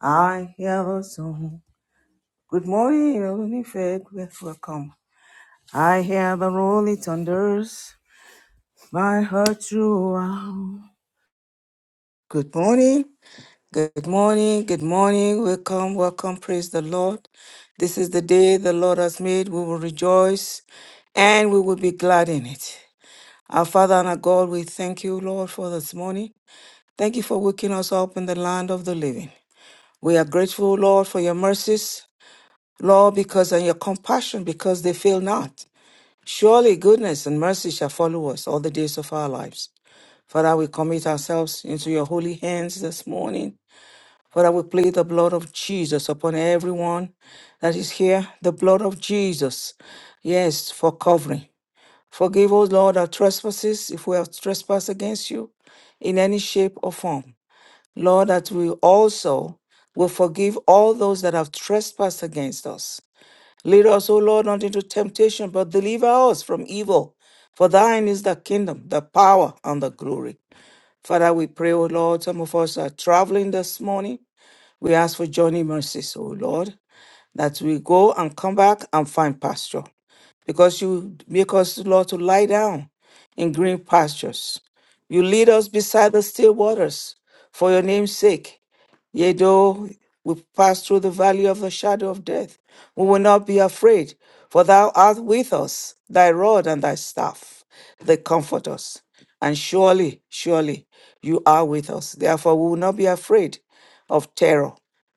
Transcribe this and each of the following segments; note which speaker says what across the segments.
Speaker 1: I hear the song. Good morning, Olunife. Welcome. I hear the rolling thunders. My heart throughout. Good morning. Good morning. Good morning. Welcome. Welcome. Praise the Lord. This is the day the Lord has made. We will rejoice and we will be glad in it. Our Father and our God, we thank you, Lord, for this morning. Thank you for waking us up in the land of the living. We are grateful, Lord, for your mercies. Lord, because on your compassion, because they fail not. Surely goodness and mercy shall follow us all the days of our lives. Father, we commit ourselves into your holy hands this morning. Father, we plead the blood of Jesus upon everyone that is here, the blood of Jesus. Yes, for covering. Forgive us, Lord, our trespasses if we have trespassed against you in any shape or form. Lord, that we also will forgive all those that have trespassed against us. Lead us, O Lord, not into temptation, but deliver us from evil. For thine is the kingdom, the power, and the glory. Father, we pray, O Lord, some of us are traveling this morning. We ask for journey mercies, O Lord that we go and come back and find pasture because you make us, Lord, to lie down in green pastures. You lead us beside the still waters for your name's sake. Yea, though we pass through the valley of the shadow of death, we will not be afraid, for thou art with us, thy rod and thy staff, they comfort us. And surely, surely, you are with us. Therefore, we will not be afraid of terror.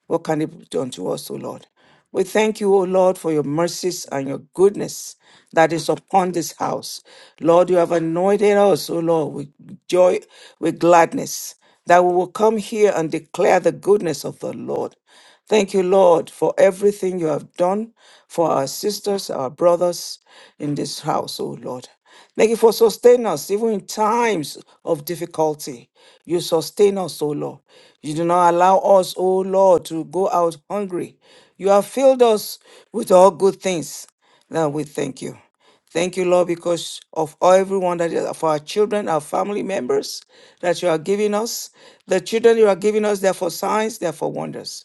Speaker 1: What can it be done to us, O Lord? We thank you, O Lord, for your mercies and your goodness that is upon this house. Lord, you have anointed us, O Lord, with joy, with gladness, that we will come here and declare the goodness of the Lord. Thank you, Lord, for everything you have done for our sisters, our brothers in this house, O Lord. Thank you for sustaining us even in times of difficulty. You sustain us, O Lord. You do not allow us, O Lord, to go out hungry. You have filled us with all good things. Lord, we thank you. Thank you, Lord, because of everyone that is of our children, our family members that you are giving us. The children you are giving us, they're for signs, they're for wonders.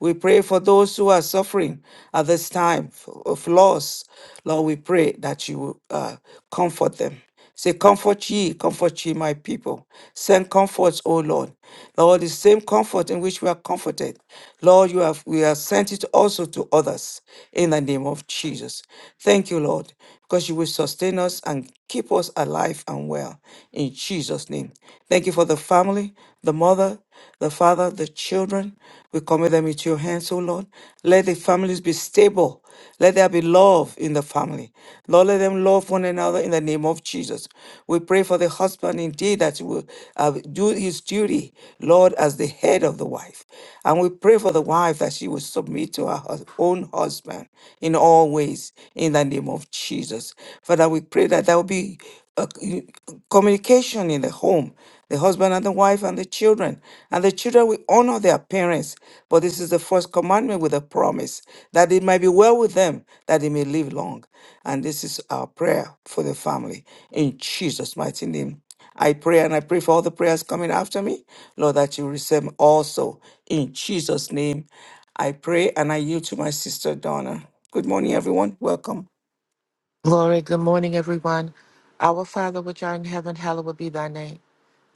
Speaker 1: We pray for those who are suffering at this time of loss. Lord, we pray that you will uh, comfort them. Say, comfort ye, comfort ye, my people. Send comforts, O Lord. Lord, the same comfort in which we are comforted. Lord, you have we have sent it also to others in the name of Jesus. Thank you, Lord, because you will sustain us and keep us alive and well in Jesus' name. Thank you for the family, the mother, the father, the children. We commit them into your hands, O Lord. Let the families be stable. Let there be love in the family. Lord, let them love one another in the name of Jesus. We pray for the husband indeed that he will uh, do his duty, Lord, as the head of the wife. And we pray for the wife that she will submit to her hus- own husband in all ways in the name of Jesus. Father, we pray that there will be uh, communication in the home the husband and the wife and the children. And the children will honor their parents. But this is the first commandment with a promise that it might be well with them, that they may live long. And this is our prayer for the family. In Jesus' mighty name. I pray and I pray for all the prayers coming after me, Lord, that you receive them also. In Jesus' name, I pray and I yield to my sister Donna. Good morning, everyone. Welcome.
Speaker 2: Glory, good morning, everyone. Our Father, which art in heaven, hallowed be thy name.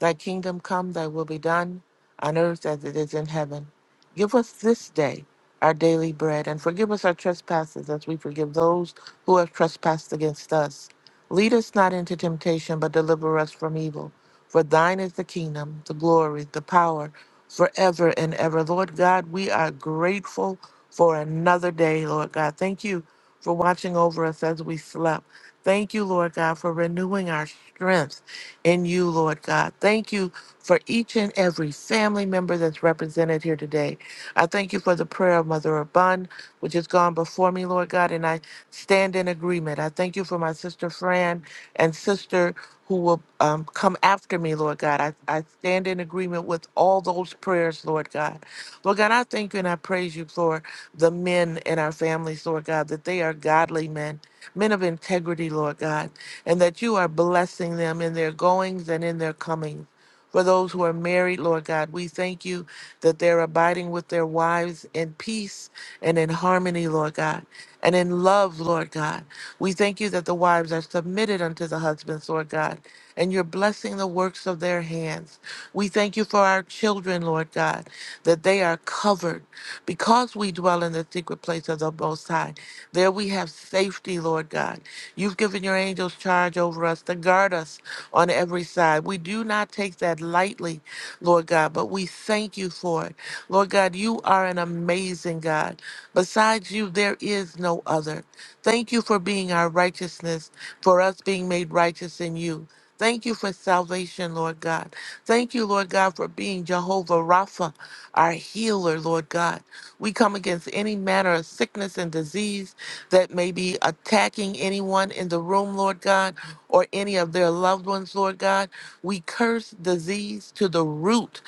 Speaker 2: Thy kingdom come, thy will be done, on earth as it is in heaven. Give us this day our daily bread, and forgive us our trespasses as we forgive those who have trespassed against us. Lead us not into temptation, but deliver us from evil. For thine is the kingdom, the glory, the power, forever and ever. Lord God, we are grateful for another day, Lord God. Thank you for watching over us as we slept. Thank you, Lord God, for renewing our strength in you, Lord God. Thank you for each and every family member that's represented here today. I thank you for the prayer of Mother Abund, which has gone before me, Lord God, and I stand in agreement. I thank you for my sister Fran and sister who will um, come after me, Lord God. I, I stand in agreement with all those prayers, Lord God. Lord God, I thank you and I praise you, Lord the men in our families, Lord God, that they are godly men, men of integrity, Lord God, and that you are blessing them in their goings and in their comings. For those who are married, Lord God, we thank you that they're abiding with their wives in peace and in harmony, Lord God, and in love, Lord God. We thank you that the wives are submitted unto the husbands, Lord God, and you're blessing the works of their hands. We thank you for our children, Lord God, that they are covered. Because we dwell in the secret place of the Most High, there we have safety, Lord God. You've given your angels charge over us to guard us on every side. We do not take that lightly, Lord God, but we thank you for it. Lord God, you are an amazing God. Besides you, there is no other. Thank you for being our righteousness, for us being made righteous in you. Thank you for salvation, Lord God. Thank you, Lord God, for being Jehovah Rapha, our healer, Lord God. We come against any manner of sickness and disease that may be attacking anyone in the room, Lord God, or any of their loved ones, Lord God. We curse disease to the root,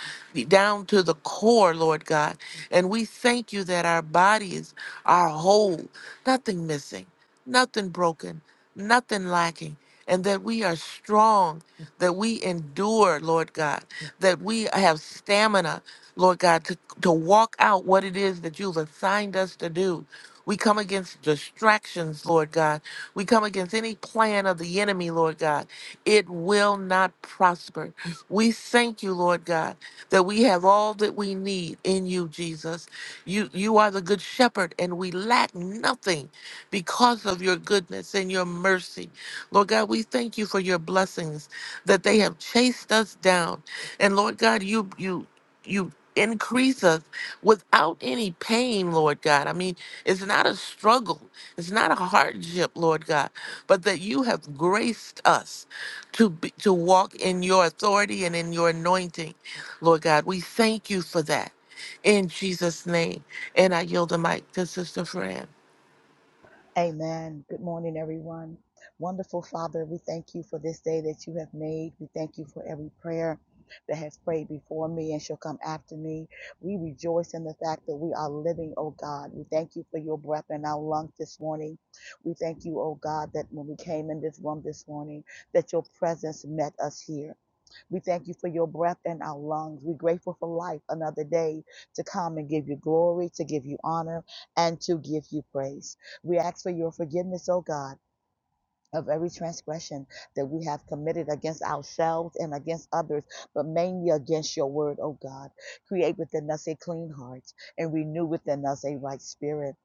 Speaker 2: down to the core, Lord God. And we thank you that our bodies are whole, nothing missing, nothing broken, nothing lacking. And that we are strong, that we endure, Lord God, that we have stamina, Lord God, to, to walk out what it is that you've assigned us to do. We come against distractions, Lord God. We come against any plan of the enemy, Lord God. It will not prosper. We thank you, Lord God, that we have all that we need in you, Jesus. You you are the good shepherd and we lack nothing because of your goodness and your mercy. Lord God, we thank you for your blessings that they have chased us down. And Lord God, you you you increase us without any pain, Lord God. I mean, it's not a struggle, it's not a hardship, Lord God, but that you have graced us to be, to walk in your authority and in your anointing, Lord God. We thank you for that. In Jesus' name. And I yield the mic to Sister Fran.
Speaker 3: Amen. Good morning, everyone. Wonderful Father, we thank you for this day that you have made. We thank you for every prayer that has prayed before me and shall come after me. We rejoice in the fact that we are living, oh God. We thank you for your breath in our lungs this morning. We thank you, oh God, that when we came in this room this morning, that your presence met us here. We thank you for your breath in our lungs. We're grateful for life another day to come and give you glory, to give you honor, and to give you praise. We ask for your forgiveness, oh God of every transgression that we have committed against ourselves and against others, but mainly against your word, O God. Create within us a clean heart and renew within us a right spirit.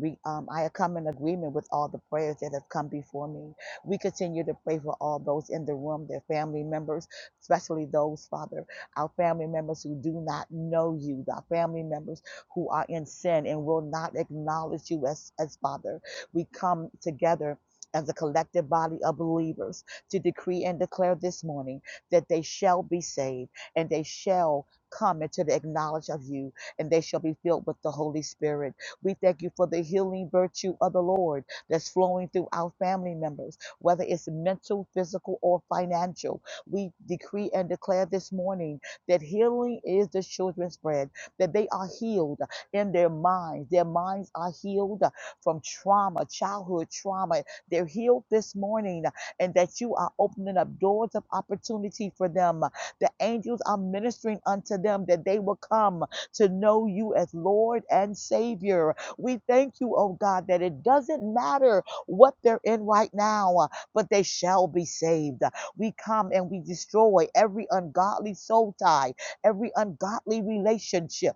Speaker 3: We, um, I come in agreement with all the prayers that have come before me. We continue to pray for all those in the room, their family members, especially those, Father, our family members who do not know you, our family members who are in sin and will not acknowledge you as, as Father. We come together as a collective body of believers to decree and declare this morning that they shall be saved and they shall come into the knowledge of you and they shall be filled with the Holy Spirit. We thank you for the healing virtue of the Lord that's flowing through our family members, whether it's mental, physical, or financial. We decree and declare this morning that healing is the children's bread, that they are healed in their minds. Their minds are healed from trauma, childhood trauma, they're healed this morning uh, and that you are opening up doors of opportunity for them. The angels are ministering unto them that they will come to know you as Lord and Savior. We thank you, oh God, that it doesn't matter what they're in right now, uh, but they shall be saved. We come and we destroy every ungodly soul tie, every ungodly relationship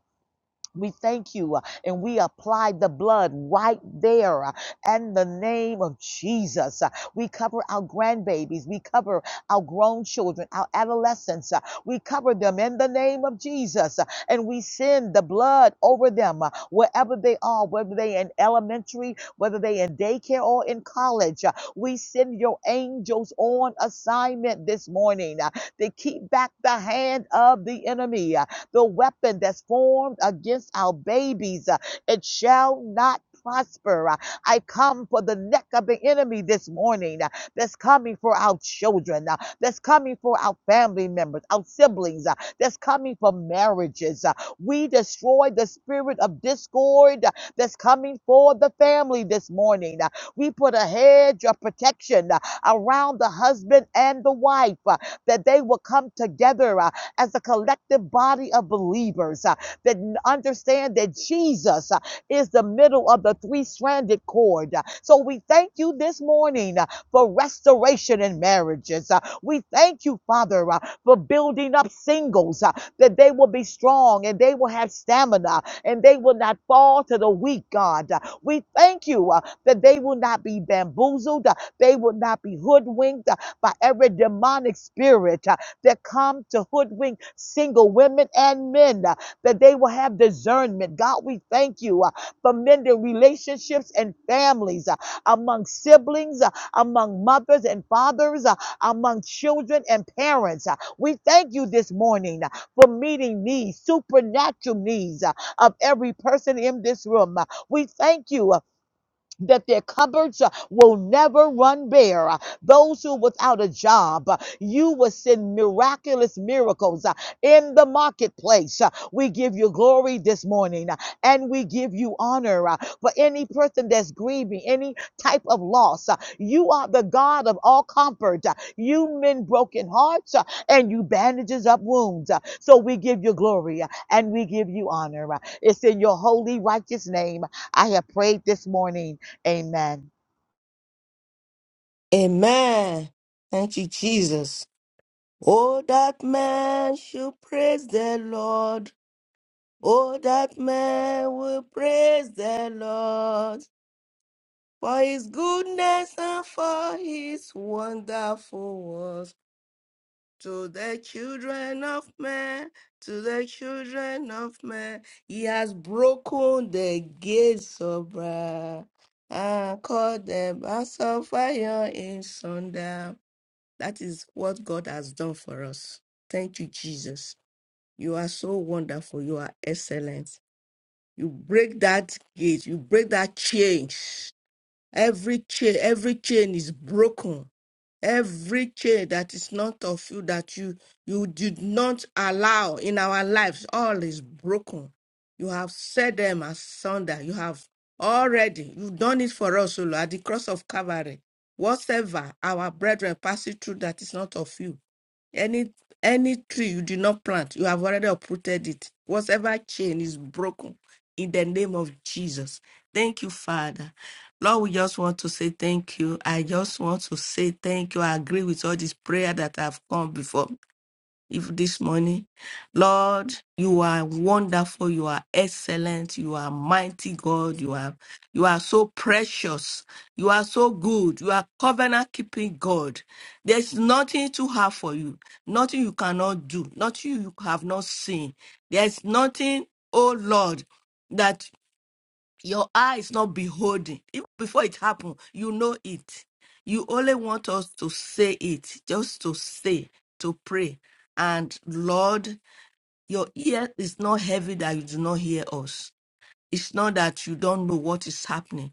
Speaker 3: we thank you uh, and we apply the blood right there uh, and the name of Jesus. Uh, We cover our grandbabies. We cover our grown children, our adolescents. uh, We cover them in the name of Jesus uh, and we send the blood over them uh, wherever they are, whether they in elementary, whether they in daycare or in college. Uh, We send your angels on assignment this morning uh, to keep back the hand of the enemy. uh. The weapon that's formed against our babies, uh, it shall not prosper. Uh, I come for the neck of the enemy this morning uh, that's coming for our children, uh, that's coming for our family members, our siblings, uh, that's coming for marriages. Uh, We destroy the spirit of discord uh, that's coming for the family this morning. Uh, We put a hedge of protection uh, around the husband and the wife uh, that they will come together. uh, as a collective body of believers uh, that understand that Jesus uh, is the middle of the three stranded cord. Uh, So we thank you this morning uh, for restoration in marriages. Uh, We thank you, Father, uh, for building up singles uh, that they will be strong and they will have stamina and they will not fall to the weak, God. Uh, We thank you uh, that they will not be bamboozled, uh, they will not be hoodwinked uh, by every demonic spirit. uh, that come to hoodwink single women and men, uh, that they will have discernment. God, we thank you uh, for mending relationships and families uh, among siblings, uh, among mothers and fathers, uh, among children and parents. Uh, We thank you this morning uh, for meeting needs, supernatural needs uh, of every person in this room. Uh, We thank you uh, that their cupboards uh, will never run bare. Uh, Those who are without a job, uh, you will send miraculous miracles uh, in the marketplace. Uh, We give you glory this morning uh, and we give you honor uh, for any person that's grieving, any type of loss. Uh, You are the God of all comfort. Uh, You mend broken hearts uh, and you bandages up wounds. Uh, So we give you glory uh, and we give you honor. Uh, It's in your holy, righteous name. I have prayed this morning. Amen.
Speaker 4: Amen. Thank you, Jesus. Oh, that man should praise the Lord. Oh, that man will praise the Lord for his goodness and for his wonderful works to the children of men. To the children of men, he has broken the gates of brass and cut them as of fire in sunder. That is what God has done for us. Thank you, Jesus. You are so wonderful. You are excellent. You break that gate, you break that chain. Every chain, every chain is broken. Every chain that is not of you that you you did not allow in our lives, all is broken. You have set them asunder. You have already you've done it for us, O Lord, at the cross of Calvary. Whatsoever our brethren passing through that is not of you. Any any tree you did not plant, you have already uprooted it. Whatever chain is broken in the name of Jesus. Thank you, Father. Lord, we just want to say thank you. I just want to say thank you. I agree with all this prayer that have come before if this morning. Lord, you are wonderful, you are excellent, you are mighty God, you are you are so precious, you are so good, you are covenant keeping God. There's nothing too hard for you, nothing you cannot do, nothing you have not seen. There's nothing, oh Lord. that. Your eyes not beholding. Even before it happened, you know it. You only want us to say it, just to say, to pray. And Lord, your ear is not heavy that you do not hear us it's not that you don't know what is happening,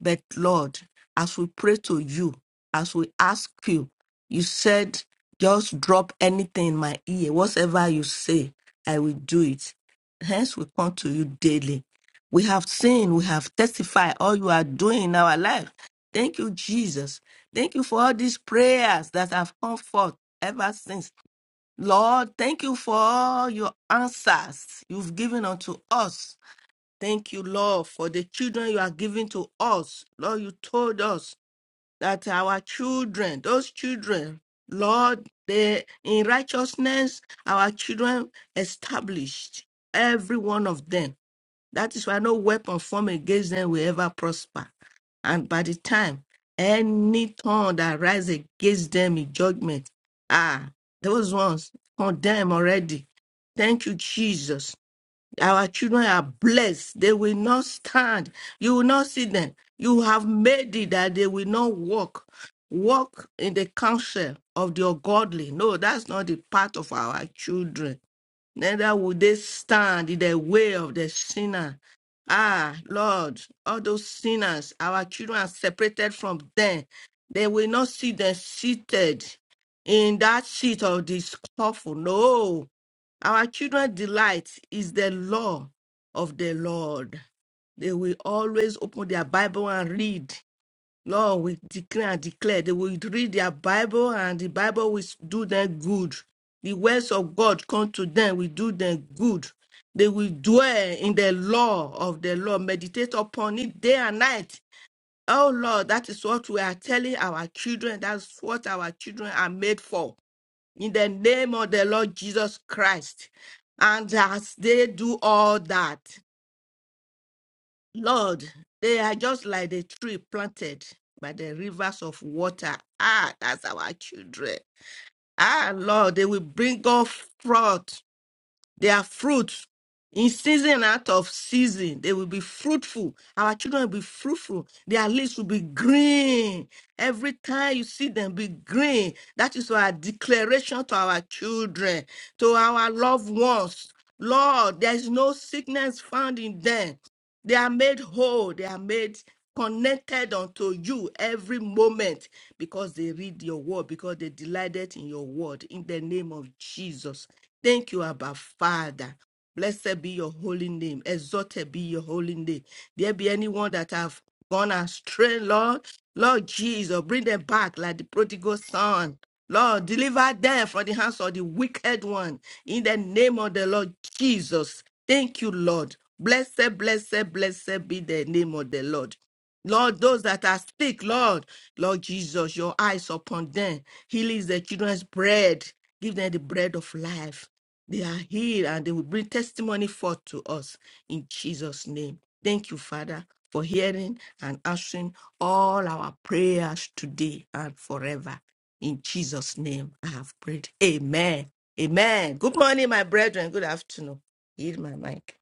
Speaker 4: but Lord, as we pray to you, as we ask you, you said, just drop anything in my ear. Whatever you say, I will do it. Hence, we come to you daily. We have seen, we have testified all you are doing in our life. Thank you, Jesus. Thank you for all these prayers that have come forth ever since. Lord, thank you for all your answers you've given unto us Thank you, Lord, for the children you are giving to us. Lord, you told us that our children, those children, Lord, they in righteousness, our children established, every one of them. That is why no weapon formed against them will ever prosper. And by the time any tongue that rises against them in judgment, ah, those ones condemn already. Thank you, Jesus. Our children are blessed. They will not stand. You will not see them. You have made it that they will not walk. Walk in the counsel of the ungodly. No, that's not the part of our children neither will they stand in the way of the sinner. Ah, Lord, all those sinners, our children are separated from them. They will not see them seated in that seat of this awful. No, our children delight is the law of the Lord. They will always open their Bible and read. Lord, we decree and declare they will read their Bible and the Bible will do them good. The words of God come to them, will do them good. They will dwell in the law of the Lord, meditate upon it day and night. Oh Lord, that is what we are telling our children. That's what our children are made for. In the name of the Lord Jesus Christ. And as they do all that, Lord, they are just like the tree planted by the rivers of water. Ah, that's our children. Ah, Lord, they will bring up fruit, their fruit in season out of season. They will be fruitful. Our children will be fruitful. Their leaves will be green. Every time you see them be green, that is our declaration to our children, to our loved ones. Lord, there is no sickness found in them. They are made whole. They are made connected unto you every moment because they read your word, because they delighted in your word. In the name of Jesus. Thank you, Abba Father. Blessed be your holy name. Exalted be your holy name. There be anyone that have gone astray, Lord. Lord Jesus, bring them back like the prodigal son. Lord, deliver them from the hands of the wicked one. In the name of the Lord Jesus. Thank you, Lord. Blessed, blessed, blessed be the name of the Lord. Lord, those that are sick, Lord, Lord Jesus, your eyes upon them. Heal is the children's bread. Give them the bread of life. They are healed and they will bring testimony forth to us in Jesus' name. Thank you, Father, for hearing and answering all our prayers today and forever. In Jesus' name, I have prayed. Amen. Amen. Good morning, my brethren. Good afternoon. Heal my mic.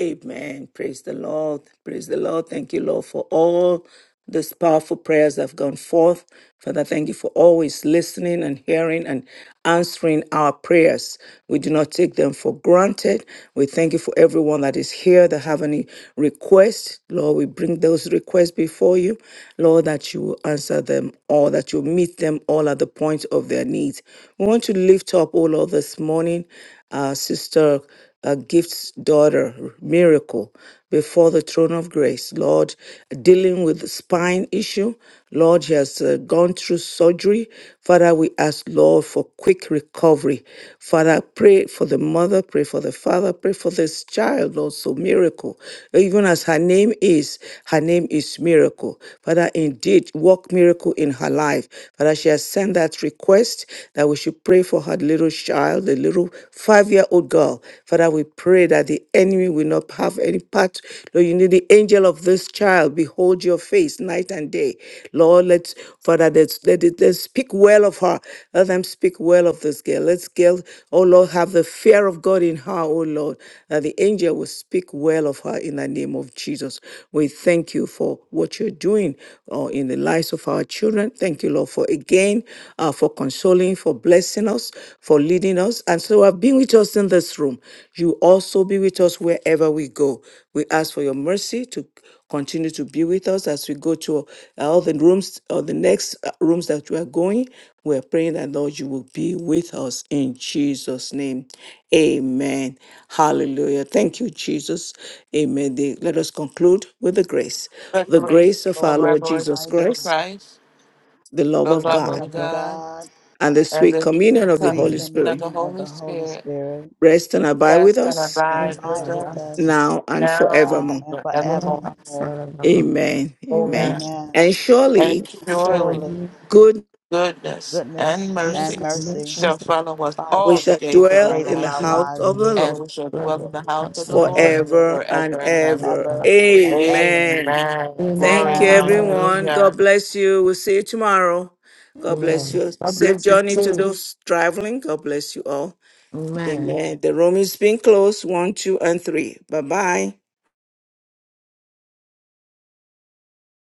Speaker 1: Amen. Praise the Lord. Praise the Lord. Thank you, Lord, for all these powerful prayers that have gone forth. Father, thank you for always listening and hearing and answering our prayers. We do not take them for granted. We thank you for everyone that is here that have any requests. Lord, we bring those requests before you. Lord, that you will answer them all, that you'll meet them all at the point of their needs. We want to lift up, all Lord, this morning, uh, Sister uh, Gift's daughter, Miracle, before the throne of grace. Lord, dealing with the spine issue. Lord, she has uh, gone through surgery. Father, we ask, Lord, for quick recovery. Father, pray for the mother, pray for the father, pray for this child, Lord, so miracle. Even as her name is, her name is Miracle. Father, indeed, work miracle in her life. Father, she has sent that request that we should pray for her little child child, the little five year old girl. Father, we pray that the enemy will not have any part. Lord, you need the angel of this child. Behold your face night and day. Lord, let's, Father, let's, let it, let's speak well of her. Let them speak well of this girl. Let's girl, oh Lord, have the fear of God in her, oh Lord, that the angel will speak well of her in the name of Jesus. We thank you for what you're doing uh, in the lives of our children. Thank you, Lord, for again uh, for consoling, for blessing us, for leading us. And so have been with us in this room. You also be with us wherever we go. We ask for your mercy to continue to be with us as we go to all the rooms or the next uh, rooms that we are going. We're praying that Lord, you will be with us in Jesus' name. Amen. Hallelujah. Thank you, Jesus. Amen. The- Let us conclude with the grace.
Speaker 2: The
Speaker 1: The
Speaker 3: Praise
Speaker 1: grace
Speaker 2: grace
Speaker 3: the
Speaker 1: of
Speaker 3: Lord
Speaker 1: our
Speaker 2: of
Speaker 3: Jesus
Speaker 2: our
Speaker 1: Lord
Speaker 2: Lord
Speaker 1: Jesus
Speaker 3: Christ,
Speaker 2: Jesus
Speaker 1: Christ,
Speaker 2: Christ,
Speaker 1: the love
Speaker 2: the
Speaker 1: of
Speaker 4: That
Speaker 2: love
Speaker 1: God,
Speaker 3: the
Speaker 4: was
Speaker 2: of
Speaker 3: love of
Speaker 4: the
Speaker 2: God,
Speaker 3: God,
Speaker 1: and the
Speaker 2: and
Speaker 1: sweet
Speaker 2: the
Speaker 1: communion of the
Speaker 3: sweet
Speaker 2: coming
Speaker 1: Holy
Speaker 4: mm,
Speaker 2: of
Speaker 1: Spirit
Speaker 2: the
Speaker 3: communion of
Speaker 2: Holy
Speaker 3: the Holy
Speaker 2: Spirit,
Speaker 3: Spirit,
Speaker 1: rest and abide with
Speaker 2: rest and
Speaker 1: us
Speaker 3: then
Speaker 4: those
Speaker 2: abide
Speaker 4: that
Speaker 3: abide
Speaker 2: with
Speaker 4: are
Speaker 2: us
Speaker 3: with us
Speaker 4: advantages.
Speaker 1: now and
Speaker 2: now
Speaker 3: now
Speaker 1: forevermore.
Speaker 3: and
Speaker 2: and
Speaker 4: We don't
Speaker 2: forevermore.
Speaker 4: have
Speaker 3: forevermore.
Speaker 4: forevermore.
Speaker 1: Amen. Amen.
Speaker 2: Amen.
Speaker 4: In
Speaker 3: Amen.
Speaker 1: And surely
Speaker 2: And
Speaker 3: And
Speaker 2: surely
Speaker 3: surely
Speaker 4: majority,
Speaker 1: good
Speaker 2: goodness
Speaker 3: goodness
Speaker 2: and
Speaker 4: less
Speaker 3: and
Speaker 2: mercy
Speaker 4: and less
Speaker 3: mercy
Speaker 4: than
Speaker 2: shall
Speaker 4: to
Speaker 2: follow us
Speaker 1: and
Speaker 3: follow
Speaker 1: we
Speaker 2: all
Speaker 3: us
Speaker 2: the
Speaker 1: shall
Speaker 2: days of
Speaker 3: the
Speaker 2: our
Speaker 1: dwell
Speaker 3: days
Speaker 1: in
Speaker 3: of
Speaker 1: the
Speaker 2: life,
Speaker 4: be
Speaker 3: our
Speaker 1: house
Speaker 4: that, you
Speaker 3: lives
Speaker 1: of the
Speaker 4: know,
Speaker 2: and
Speaker 1: Lord
Speaker 2: we shall
Speaker 4: from
Speaker 2: dwell
Speaker 4: the
Speaker 2: in the house of
Speaker 3: in
Speaker 4: council
Speaker 2: the
Speaker 4: of
Speaker 3: the house of
Speaker 2: Lord
Speaker 3: the
Speaker 1: forever
Speaker 3: Lord,
Speaker 2: forever
Speaker 1: and
Speaker 2: and ever.
Speaker 1: ever.
Speaker 4: the
Speaker 3: ever and ever.
Speaker 1: Amen.
Speaker 2: Amen.
Speaker 1: Thank
Speaker 2: Glory,
Speaker 1: you,
Speaker 3: Amen.
Speaker 1: everyone.
Speaker 4: Amen.
Speaker 2: hallelujah.
Speaker 1: God bless you. We'll see you tomorrow. God bless
Speaker 4: Amen.
Speaker 1: you.
Speaker 4: God
Speaker 1: Safe
Speaker 4: bless you
Speaker 1: journey to
Speaker 4: too.
Speaker 1: those traveling. God bless you all.
Speaker 4: Amen.
Speaker 1: Amen. The room is being closed. One, two, and three. Bye bye.